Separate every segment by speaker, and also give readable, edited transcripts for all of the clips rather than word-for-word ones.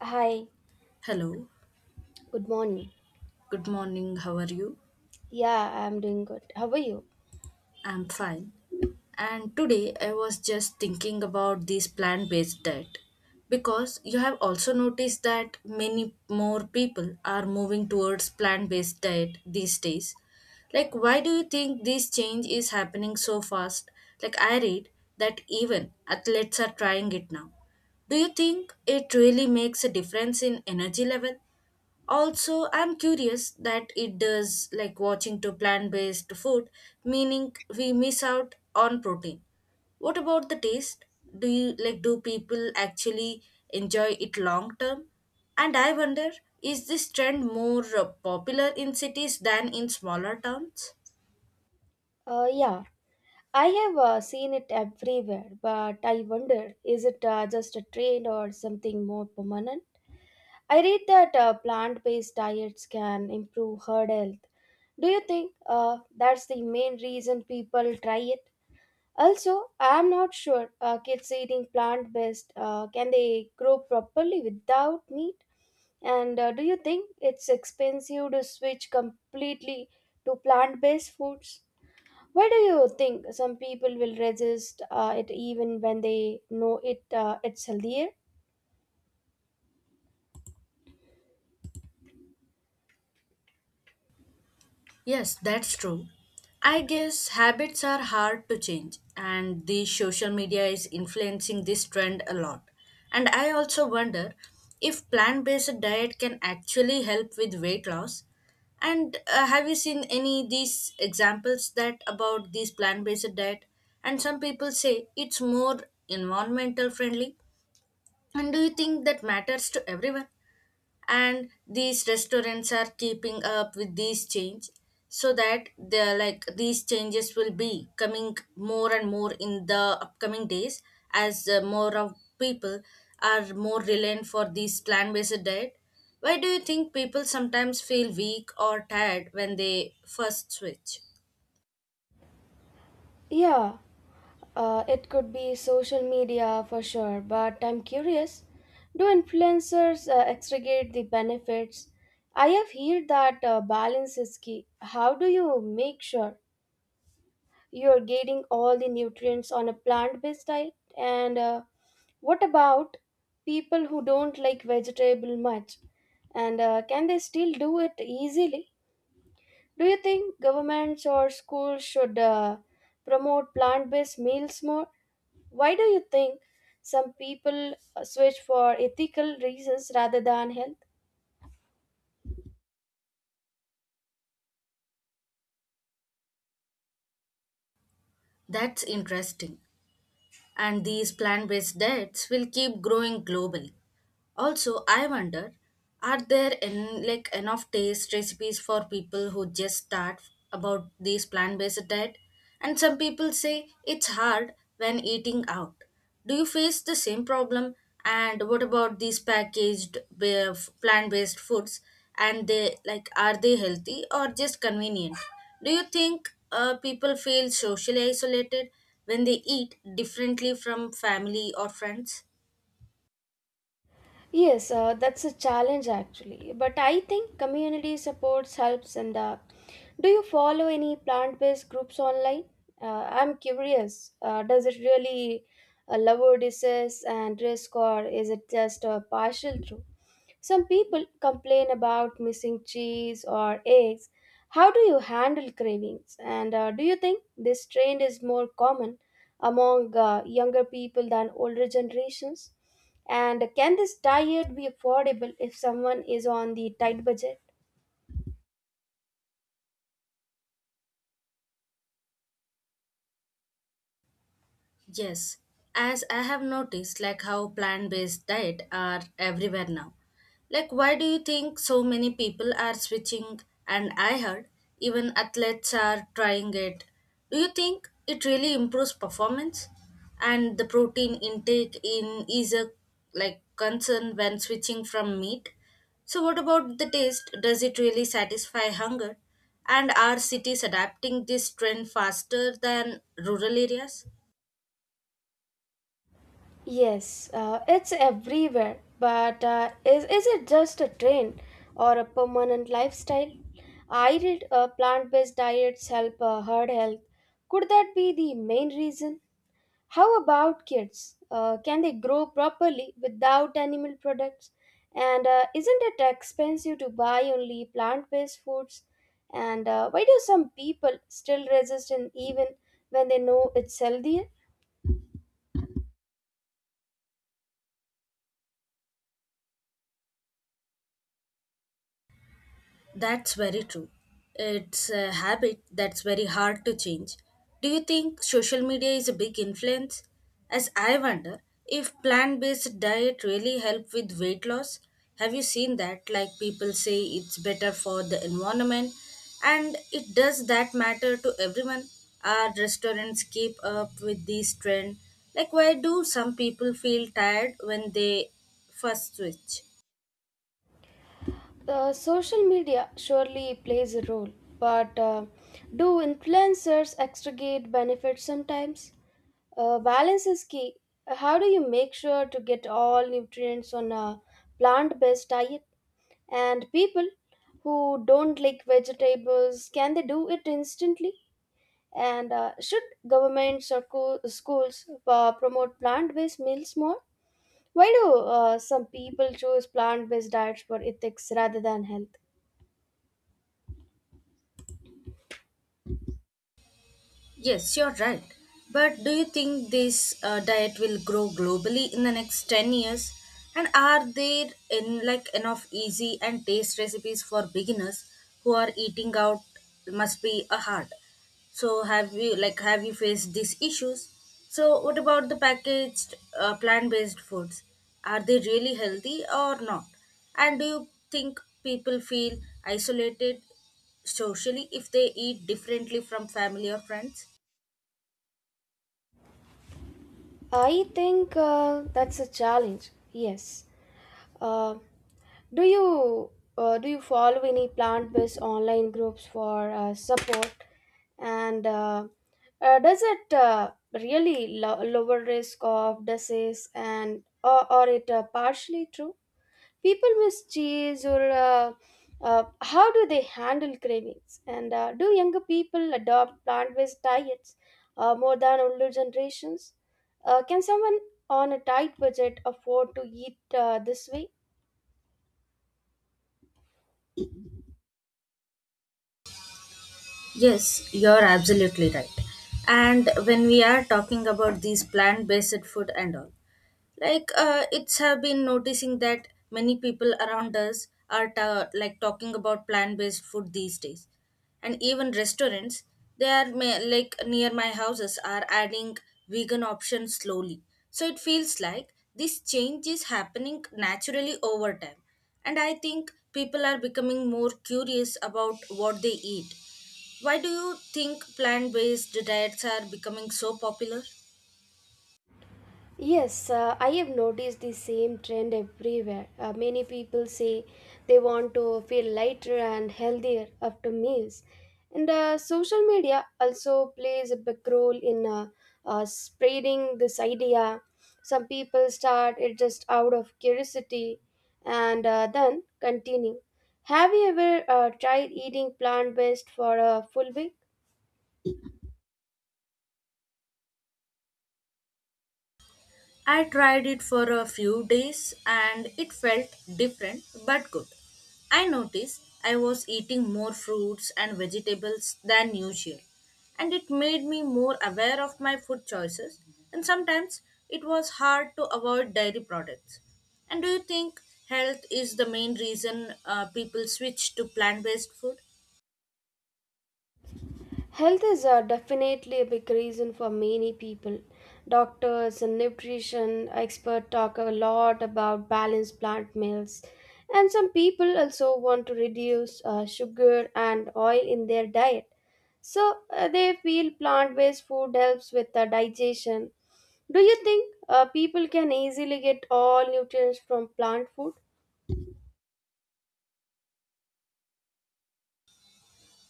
Speaker 1: Hi,
Speaker 2: Hello,
Speaker 1: good morning.
Speaker 2: good morning, how are you?
Speaker 1: Yeah, I'm doing good. How are you?
Speaker 2: I'm fine. And today I was just thinking about this plant based diet because you have also noticed that many more people are moving towards plant based diet these days. Like, why do you think this change is happening so fast? Like, I read that even athletes are trying it now. Do you think it really makes a difference in energy level? Also, I'm curious that it does like watching to plant based food, meaning we miss out on protein. What about the taste? Do you like do people actually enjoy it long term? And I wonder, is this trend more popular in cities than in smaller towns?
Speaker 1: Yeah, I have seen it everywhere, but I wonder, is it just a trend or something more permanent? I read that plant based diets can improve heart health. Do you think that's the main reason people try it? Also, I'm not sure, kids eating plant based, can they grow properly without meat? And do you think it's expensive to switch completely to plant based foods? Why do you think some people will resist it even when they know it's healthier?
Speaker 2: Yes, that's true. I guess habits are hard to change, and the social media is influencing this trend a lot. And I also wonder if plant based diet can actually help with weight loss. And have you seen any these examples that about this plant based diet? And some people say it's more environmental friendly. And do you think that matters to everyone? And these restaurants are keeping up with these change so that they're like these changes will be coming more and more in the upcoming days as more of people are more reliant for these plant-based diet. Why do you think people sometimes feel weak or tired when they first switch?
Speaker 1: Yeah, it could be social media for sure, but I'm curious, do influencers extricate the benefits? I have heard that balance is key. How do you make sure you're getting all the nutrients on a plant based diet? And What about people who don't like vegetable much, and can they still do it easily? Do you think governments or schools should promote plant based meals more? Why do you think some people switch for ethical reasons rather than health?
Speaker 2: That's interesting, and these plant-based diets will keep growing globally. Also, I wonder, are there like enough taste recipes for people who just start about this plant-based diet? And some people say it's hard when eating out. Do you face the same problem? And what about these packaged plant-based foods? And they like are they healthy or just convenient? Do you think people feel socially isolated when they eat differently from family or friends?
Speaker 1: Yes, that's a challenge actually. But I think community supports helps in the. Do you follow any plant based groups online? I'm curious. Does it really lower disease and risk, or is it just a partial truth? Some people complain about missing cheese or eggs. How do you handle cravings? And do you think this trend is more common among younger people than older generations? And can this diet be affordable if someone is on the tight budget?
Speaker 2: Yes, as I have noticed, like how plant based diet are everywhere now. Like, why do you think so many people are switching? And I heard even athletes are trying it. Do you think it really improves performance? And the protein intake in is a like concern when switching from meat. So, what about the taste? Does it really satisfy hunger? And are cities adapting this trend faster than rural areas?
Speaker 1: Yes, it's everywhere. But is it just a trend or a permanent lifestyle? I read plant based diets help heart health. Could that be the main reason? How about kids? Can they grow properly without animal products? And isn't it expensive to buy only plant based foods? And why do some people still resist and even when they know it's healthier?
Speaker 2: That's very true. It's a habit that's very hard to change. Do you think social media is a big influence? As I wonder if plant-based diet really help with weight loss. Have you seen that? Like people say it's better for the environment and it does that matter to everyone? Are restaurants keep up with this trend? Like why do some people feel tired when they first switch?
Speaker 1: Social media surely plays a role, but do influencers extricate benefits sometimes? Balance is key. How do you make sure to get all nutrients on a plant based diet? And people who don't like vegetables, can they do it instantly? And should governments or schools promote plant based meals more? Why do some people choose plant based diets for ethics rather than health?
Speaker 2: Yes, you're right. But do you think this diet will grow globally in the next 10 years? And are there in like enough easy and taste recipes for beginners who are eating out must be a hard. So have you faced these issues? So what about the packaged plant-based foods? Are they really healthy or not? And do you think people feel isolated socially if they eat differently from family or friends?
Speaker 1: I think that's a challenge. Yes. Uh, do you do you follow any plant-based online groups for support? And does it really lower risk of disease and, or it partially true? People miss cheese or how do they handle cravings? And do younger people adopt plant-based diets more than older generations? Can someone on a tight budget afford to eat this way?
Speaker 2: Yes, you're absolutely right. And when we are talking about these plant-based food and all, it's have been noticing that many people around us are like talking about plant-based food these days, and even restaurants they are like near my houses are adding vegan options slowly. So it feels like this change is happening naturally over time, and I think people are becoming more curious about what they eat. Why do you think plant based diets are becoming so popular?
Speaker 1: Yes, I have noticed the same trend everywhere. Many people say they want to feel lighter and healthier after meals. And social media also plays a big role in spreading this idea. Some people start it just out of curiosity and then continue. Have you ever tried eating plant based for a full week?
Speaker 2: I tried it for a few days and it felt different but good. I noticed I was eating more fruits and vegetables than usual, and it made me more aware of my food choices. And sometimes it was hard to avoid dairy products. And do you think health is the main reason people switch to plant based food?
Speaker 1: Health is definitely a big reason for many people. Doctors and nutrition experts talk a lot about balanced plant meals, and some people also want to reduce sugar and oil in their diet. So they feel plant based food helps with the digestion. Do you think people can easily get all nutrients from plant food?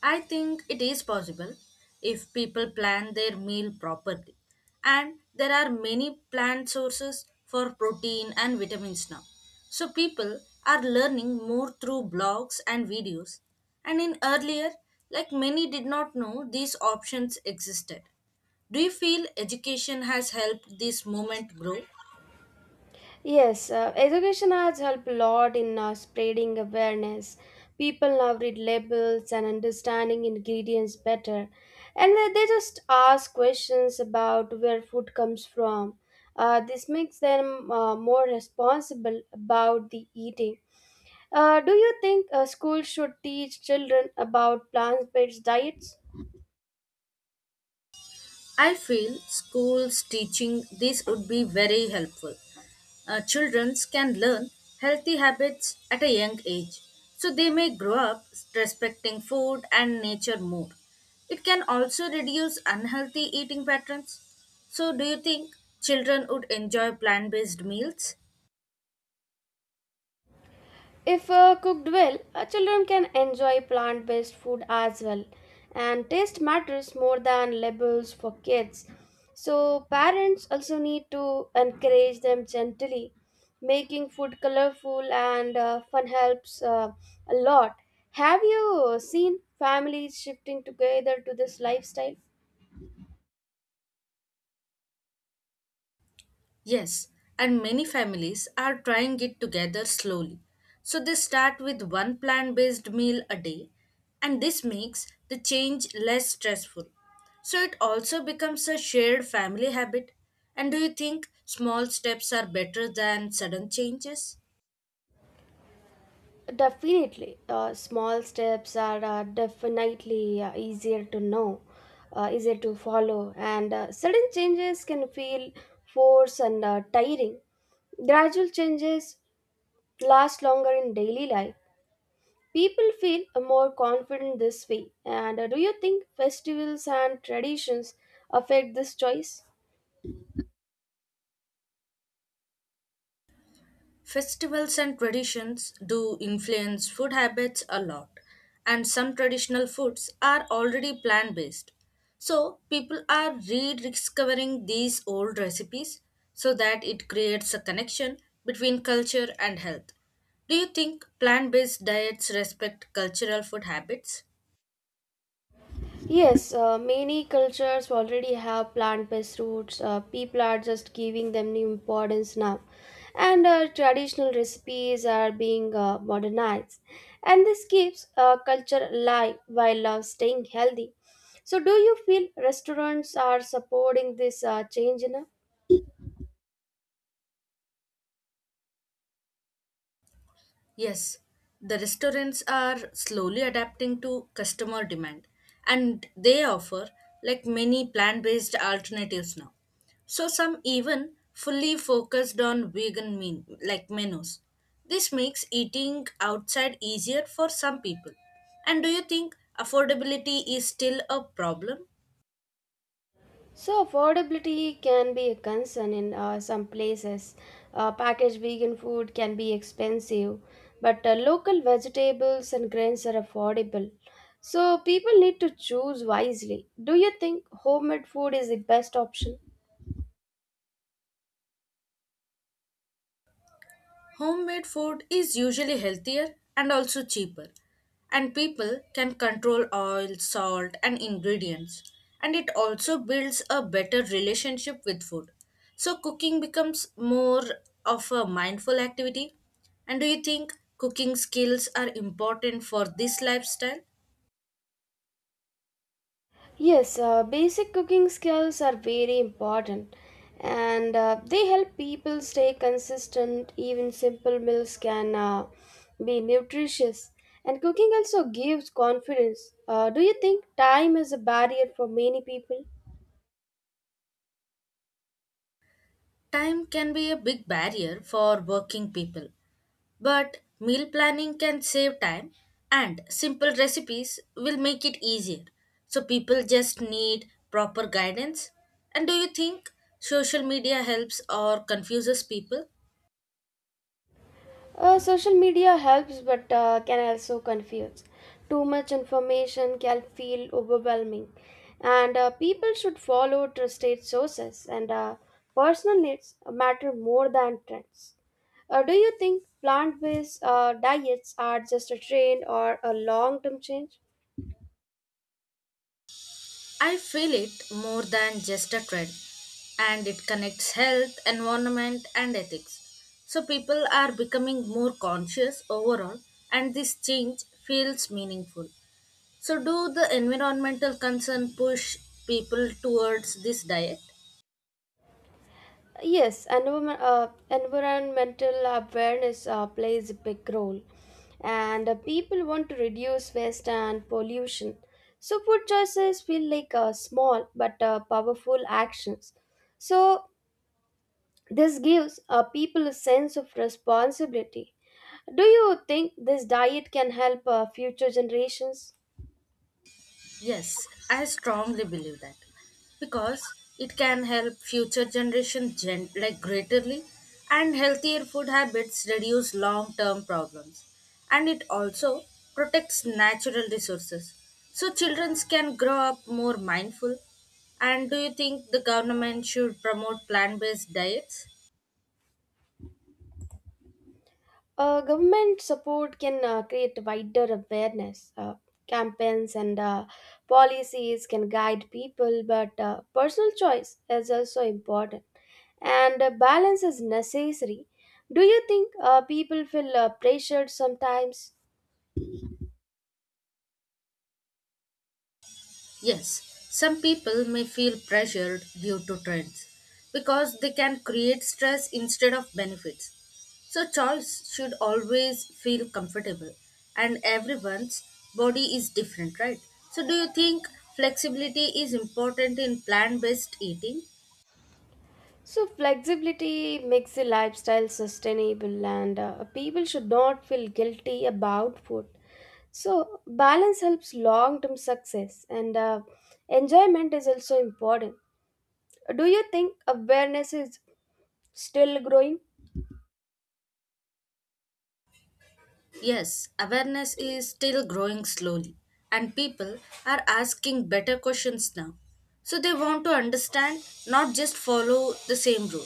Speaker 2: I think it is possible if people plan their meal properly. And there are many plant sources for protein and vitamins now. So people are learning more through blogs and videos. And in earlier, like many did not know these options existed. Do you feel education has helped this movement grow?
Speaker 1: Yes, education has helped a lot in spreading awareness. People now read labels and understanding ingredients better, and they just ask questions about where food comes from. This makes them more responsible about the eating. Do you think schools should teach children about plant-based diets?
Speaker 2: I feel schools teaching this would be very helpful. Children can learn healthy habits at a young age, so they may grow up respecting food and nature more. It can also reduce unhealthy eating patterns. So, do you think children would enjoy plant based meals?
Speaker 1: If cooked well, children can enjoy plant based food as well. And taste matters more than labels for kids. So, parents also need to encourage them gently. Making food colorful and fun helps a lot. Have you seen families shifting together to this lifestyle?
Speaker 2: Yes, and many families are trying it together slowly. So they start with one plant based meal a day, and this makes the change less stressful. So it also becomes a shared family habit. And do you think small steps are better than sudden changes?
Speaker 1: Definitely, small steps are definitely easier to know, easier to follow, and sudden changes can feel forced and tiring. Gradual changes last longer in daily life. People feel more confident this way. And do you think festivals and traditions affect this choice?
Speaker 2: Festivals and traditions do influence food habits a lot, and some traditional foods are already plant based. So, people are rediscovering these old recipes so that it creates a connection between culture and health. Do you think plant based diets respect cultural food habits?
Speaker 1: Yes, many cultures already have plant-based roots. People are just giving them new importance now, and traditional recipes are being modernized, and this keeps culture alive while staying healthy. So, do you feel restaurants are supporting this change enough?
Speaker 2: Yes, the restaurants are slowly adapting to customer demand and they offer like many plant based alternatives now. So, some even fully focused on like menus. This makes eating outside easier for some people. And do you think affordability is still a problem?
Speaker 1: So, affordability can be a concern in some places. Packaged vegan food can be expensive, but local vegetables and grains are affordable. So, people need to choose wisely. Do you think homemade food is the best option?
Speaker 2: Homemade food is usually healthier and also cheaper, and people can control oil, salt, and ingredients. And it also builds a better relationship with food. So, cooking becomes more of a mindful activity. And do you think cooking skills are important for this lifestyle?
Speaker 1: Yes, basic cooking skills are very important and they help people stay consistent. Even simple meals can be nutritious, and cooking also gives confidence. Do you think time is a barrier for many people?
Speaker 2: Time can be a big barrier for working people, but meal planning can save time and simple recipes will make it easier. So people just need proper guidance. And do you think social media helps or confuses people?
Speaker 1: Social media helps but can also confuse. Too much information can feel overwhelming, and people should follow trusted sources and personal needs matter more than trends. Do you think plant based diets are just a trend or a long term change?
Speaker 2: I feel it more than just a trend, and it connects health, environment, and ethics. So people are becoming more conscious overall, and this change feels meaningful. So, do the environmental concern push people towards this diet?
Speaker 1: Yes, environmental awareness plays a big role, and people want to reduce waste and pollution. So, food choices feel like small but powerful actions. So, this gives people a sense of responsibility. Do you think this diet can help future generations?
Speaker 2: Yes, I strongly believe that because it can help future like greatly, and healthier food habits reduce long-term problems, and it also protects natural resources so children can grow up more mindful. And do you think the government should promote plant-based diets?
Speaker 1: Government support can create wider awareness. Campaigns and policies can guide people, but personal choice is also important. And balance is necessary. Do you think people feel pressured sometimes?
Speaker 2: Yes, some people may feel pressured due to trends because they can create stress instead of benefits. So, choice should always feel comfortable, and everyone's body is different, right? So, do you think flexibility is important in plant based eating?
Speaker 1: So, flexibility makes the lifestyle sustainable, and people should not feel guilty about food. So, balance helps long term success, and enjoyment is also important. Do you think awareness is still growing?
Speaker 2: Yes, awareness is still growing slowly, and people are asking better questions now. So they want to understand, not just follow the same rule.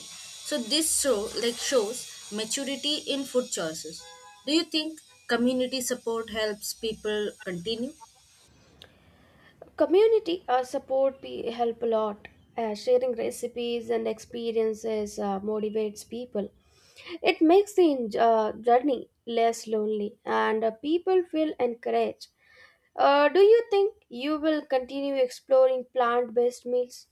Speaker 2: So this shows maturity in food choices. Do you think community support helps people continue?
Speaker 1: Community support help a lot. Sharing recipes and experiences motivates people. It makes the journey less lonely, and people feel encouraged. Do you think you will continue exploring plant-based meals?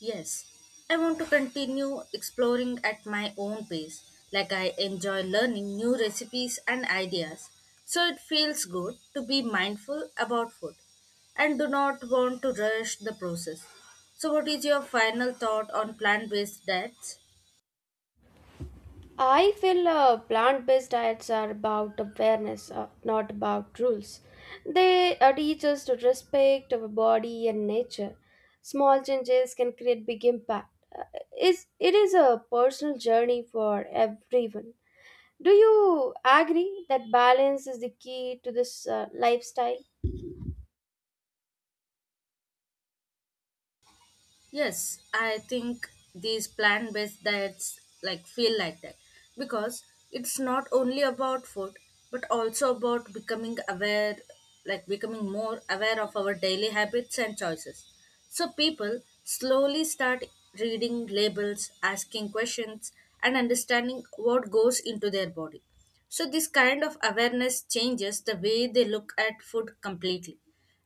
Speaker 2: Yes, I want to continue exploring at my own pace, like I enjoy learning new recipes and ideas. So it feels good to be mindful about food and do not want to rush the process. So, what is your final thought on plant based diets?
Speaker 1: I feel plant based diets are about awareness, not about rules. They teach us to respect our body and nature. Small changes can create big impact. It is a personal journey for everyone. Do you agree that balance is the key to this lifestyle?
Speaker 2: Yes, I think these plant based diets like feel like that because it's not only about food but also about becoming more aware of our daily habits and choices. So people slowly start reading labels, asking questions and understanding what goes into their body. So, this kind of awareness changes the way they look at food completely.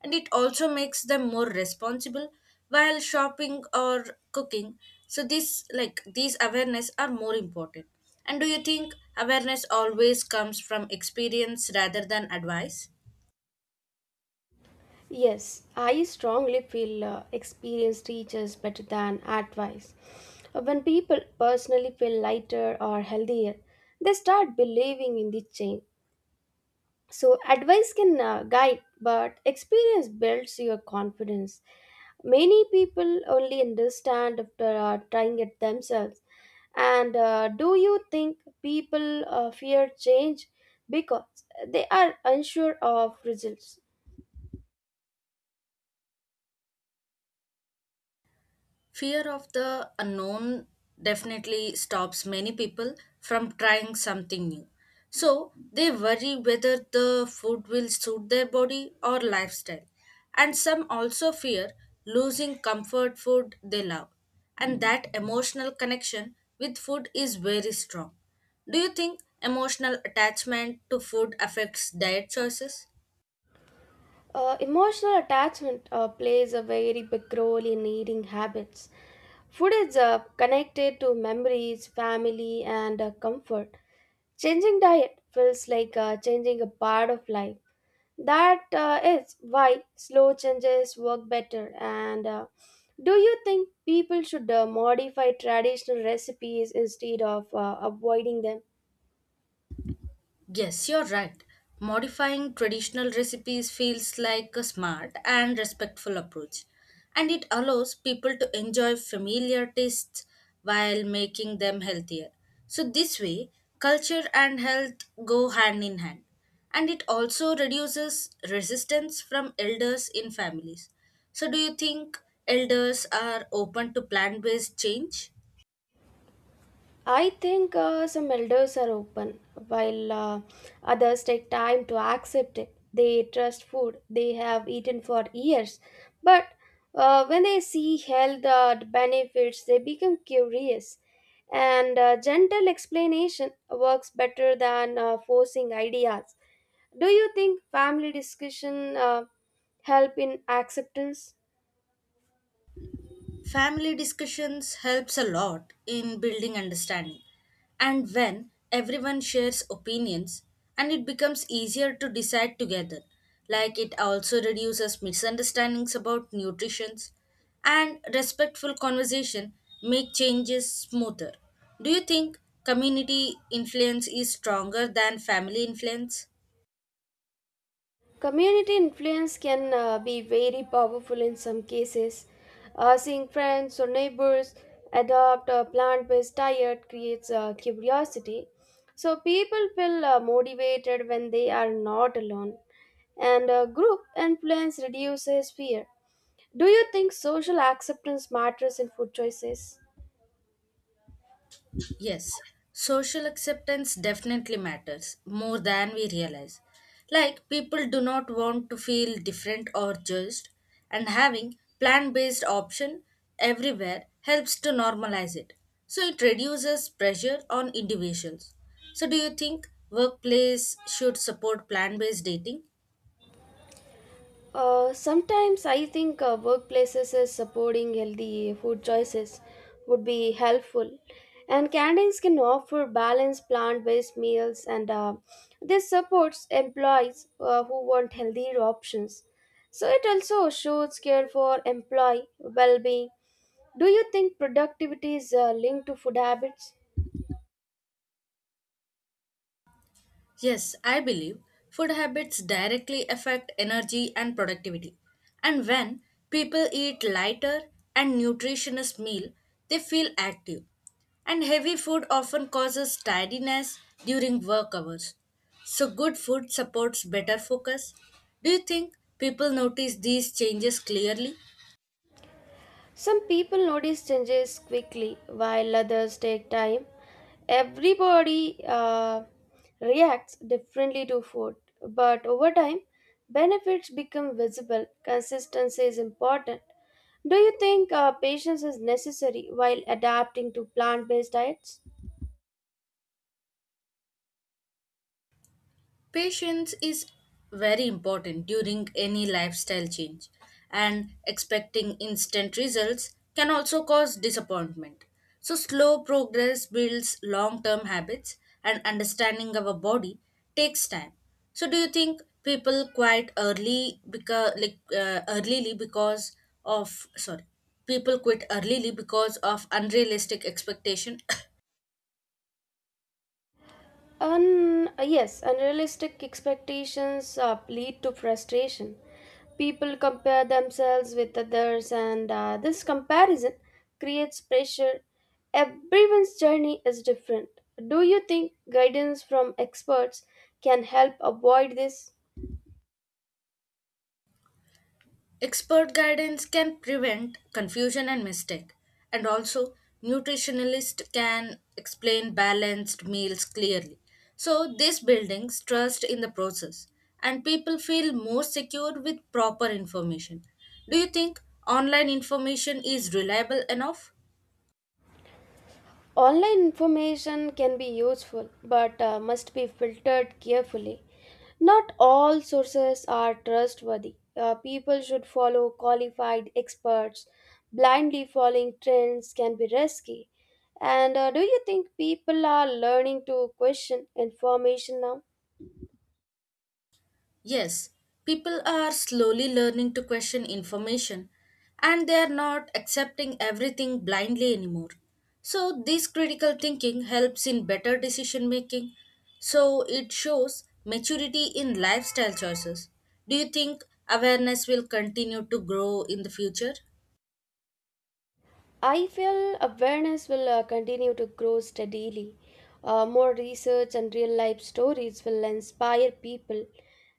Speaker 2: And it also makes them more responsible while shopping or cooking. So, this like these awareness are more important. And do you think awareness always comes from experience rather than advice?
Speaker 1: Yes, I strongly feel experience teaches better than advice. When people personally feel lighter or healthier, they start believing in the change. So, advice can guide, but experience builds your confidence. Many people only understand after trying it themselves. And do you think people fear change because they are unsure of results?
Speaker 2: Fear of the unknown definitely stops many people from trying something new. So they worry whether the food will suit their body or lifestyle. And some also fear losing comfort food they love. And that emotional connection with food is very strong. Do you think emotional attachment to food affects diet choices?
Speaker 1: Emotional attachment plays a very big role in eating habits. Food is connected to memories, family, and comfort. Changing diet feels like changing a part of life. That is why slow changes work better. And do you think people should modify traditional recipes instead of avoiding them?
Speaker 2: Yes, you're right. Modifying traditional recipes feels like a smart and respectful approach, and it allows people to enjoy familiar tastes while making them healthier. So, this way, culture and health go hand in hand, and it also reduces resistance from elders in families. So, do you think elders are open to plant based change?
Speaker 1: I think some elders are open, while others take time to accept it. They trust food they have eaten for years, but when they see health benefits, they become curious. And gentle explanation works better than forcing ideas. Do you think family discussion help in acceptance?
Speaker 2: Family discussions helps a lot in building understanding. And when everyone shares opinions and it becomes easier to decide together. Like it also reduces misunderstandings about nutrition and respectful conversation make changes smoother. Do you think community influence is stronger than family influence?
Speaker 1: Community influence can be very powerful in some cases. Seeing friends or neighbors adopt a plant based diet creates curiosity. So people feel motivated when they are not alone, and group influence reduces fear. Do you think social acceptance matters in food choices?
Speaker 2: Yes, social acceptance definitely matters more than we realize. Like, people do not want to feel different or judged, and having plant based option everywhere helps to normalize it. So, it reduces pressure on individuals. So, do you think workplace should support plant based dating?
Speaker 1: Sometimes I think workplaces is supporting healthy food choices would be helpful. And canteens can offer balanced plant-based meals, and this supports employees who want healthier options. So it also shows care for employee well-being. Do you think productivity is linked to food habits?
Speaker 2: Yes, I believe food habits directly affect energy and productivity. And when people eat lighter and nutritious meal, they feel active. And heavy food often causes tiredness during work hours. So good food supports better focus. Do you think people notice these changes clearly?
Speaker 1: Some people notice changes quickly, while others take time. Everybody reacts differently to food, but over time, benefits become visible. Consistency is important. Do you think patience is necessary while adapting to plant based diets?
Speaker 2: Patience is very important during any lifestyle change, and expecting instant results can also cause disappointment. So, slow progress builds long term habits, and understanding our body takes time. So, do you think people quit early because of sorry, people quit earlyly because of unrealistic expectation?
Speaker 1: Yes, unrealistic expectations lead to frustration. People compare themselves with others, and this comparison creates pressure. Everyone's journey is different. Do you think guidance from experts can help avoid this?
Speaker 2: Expert guidance can prevent confusion and mistake, and also nutritionalists can explain balanced meals clearly. So this buildings trust in the process, and people feel more secure with proper information. Do you think online information is reliable enough?
Speaker 1: Online information can be useful but must be filtered carefully. Not all sources are trustworthy. People should follow qualified experts. Blindly following trends can be risky. And do you think people are learning to question information now?
Speaker 2: Yes, people are slowly learning to question information and they are not accepting everything blindly anymore. So, this critical thinking helps in better decision making. So, it shows maturity in lifestyle choices. Do you think awareness will continue to grow in the future?
Speaker 1: I feel awareness will continue to grow steadily. More research and real life stories will inspire people,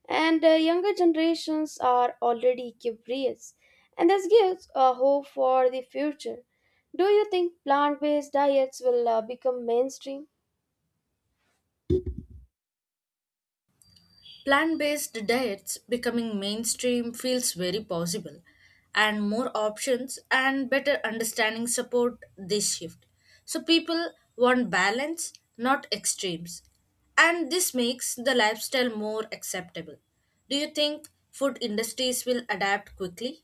Speaker 1: and younger generations are already curious, and this gives hope for the future. Do you think plant based diets will become mainstream?
Speaker 2: Plant based diets becoming mainstream feels very possible, and more options and better understanding support this shift. So, people want balance, not extremes, and this makes the lifestyle more acceptable. Do you think food industries will adapt quickly?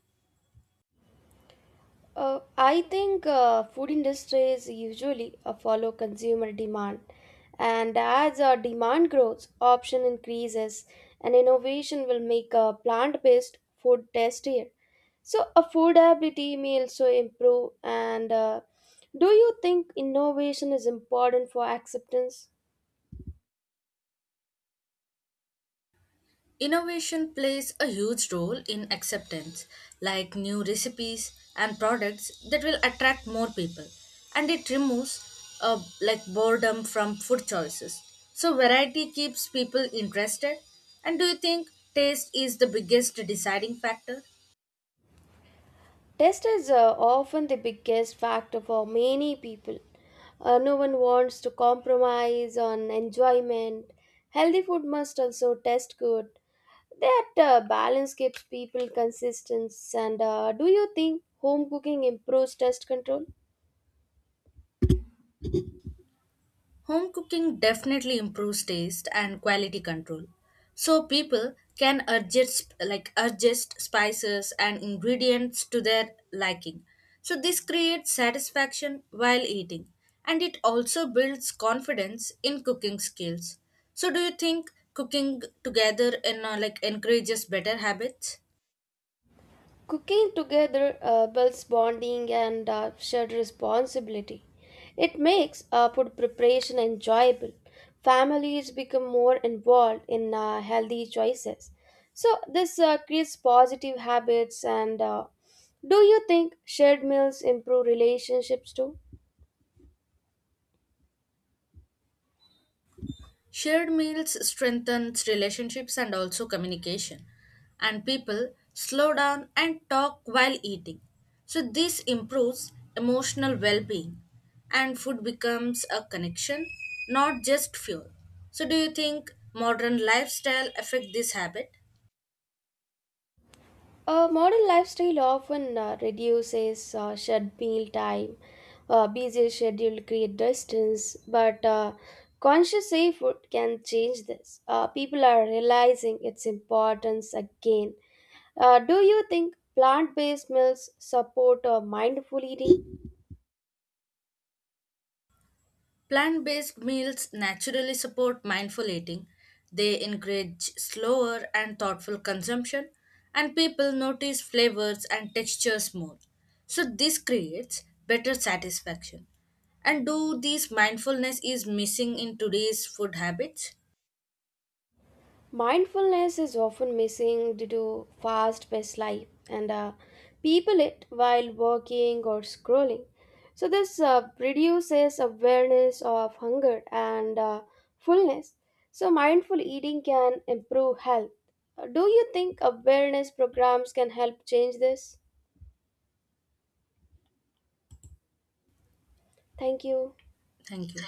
Speaker 1: I think food industries usually follow consumer demand, and as demand grows, option increases, and innovation will make plant-based food tastier. So affordability may also improve. And do you think innovation is important for acceptance?
Speaker 2: Innovation plays a huge role in acceptance, like new recipes and products that will attract more people, and it removes like boredom from food choices. So variety keeps people interested. And do you think taste is the biggest deciding factor?
Speaker 1: Test is often the biggest factor for many people. No one wants to compromise on enjoyment. Healthy food must also taste good. That balance keeps people consistent. And do you think home cooking improves test control?
Speaker 2: Home cooking definitely improves taste and quality control. So people can adjust spices and ingredients to their liking. So this creates satisfaction while eating and it also builds confidence in cooking skills. So do you think cooking together in like encourages better habits?
Speaker 1: Cooking together builds bonding and shared responsibility. It makes food preparation enjoyable. Families become more involved in healthy choices. So, this creates positive habits. And do you think shared meals improve relationships too?
Speaker 2: Shared meals strengthens relationships and also communication, and people slow down and talk while eating. So this improves emotional well-being, and food becomes a connection, not just fuel. So do you think modern lifestyle affect this habit?
Speaker 1: A modern lifestyle often reduces shared meal time, busy schedule create distance, but conscious effort can change this. People are realizing its importance again. Do you think plant-based meals support mindful eating?
Speaker 2: Plant based meals naturally support mindful eating. They encourage slower and thoughtful consumption, and people notice flavors and textures more. So, this creates better satisfaction. And do these mindfulness is missing in today's food habits?
Speaker 1: Mindfulness is often missing due to fast paced life, and people it while working or scrolling. So, this reduces awareness of hunger and fullness. So, mindful eating can improve health. Do you think awareness programs can help change this? Thank you.
Speaker 2: Thank you.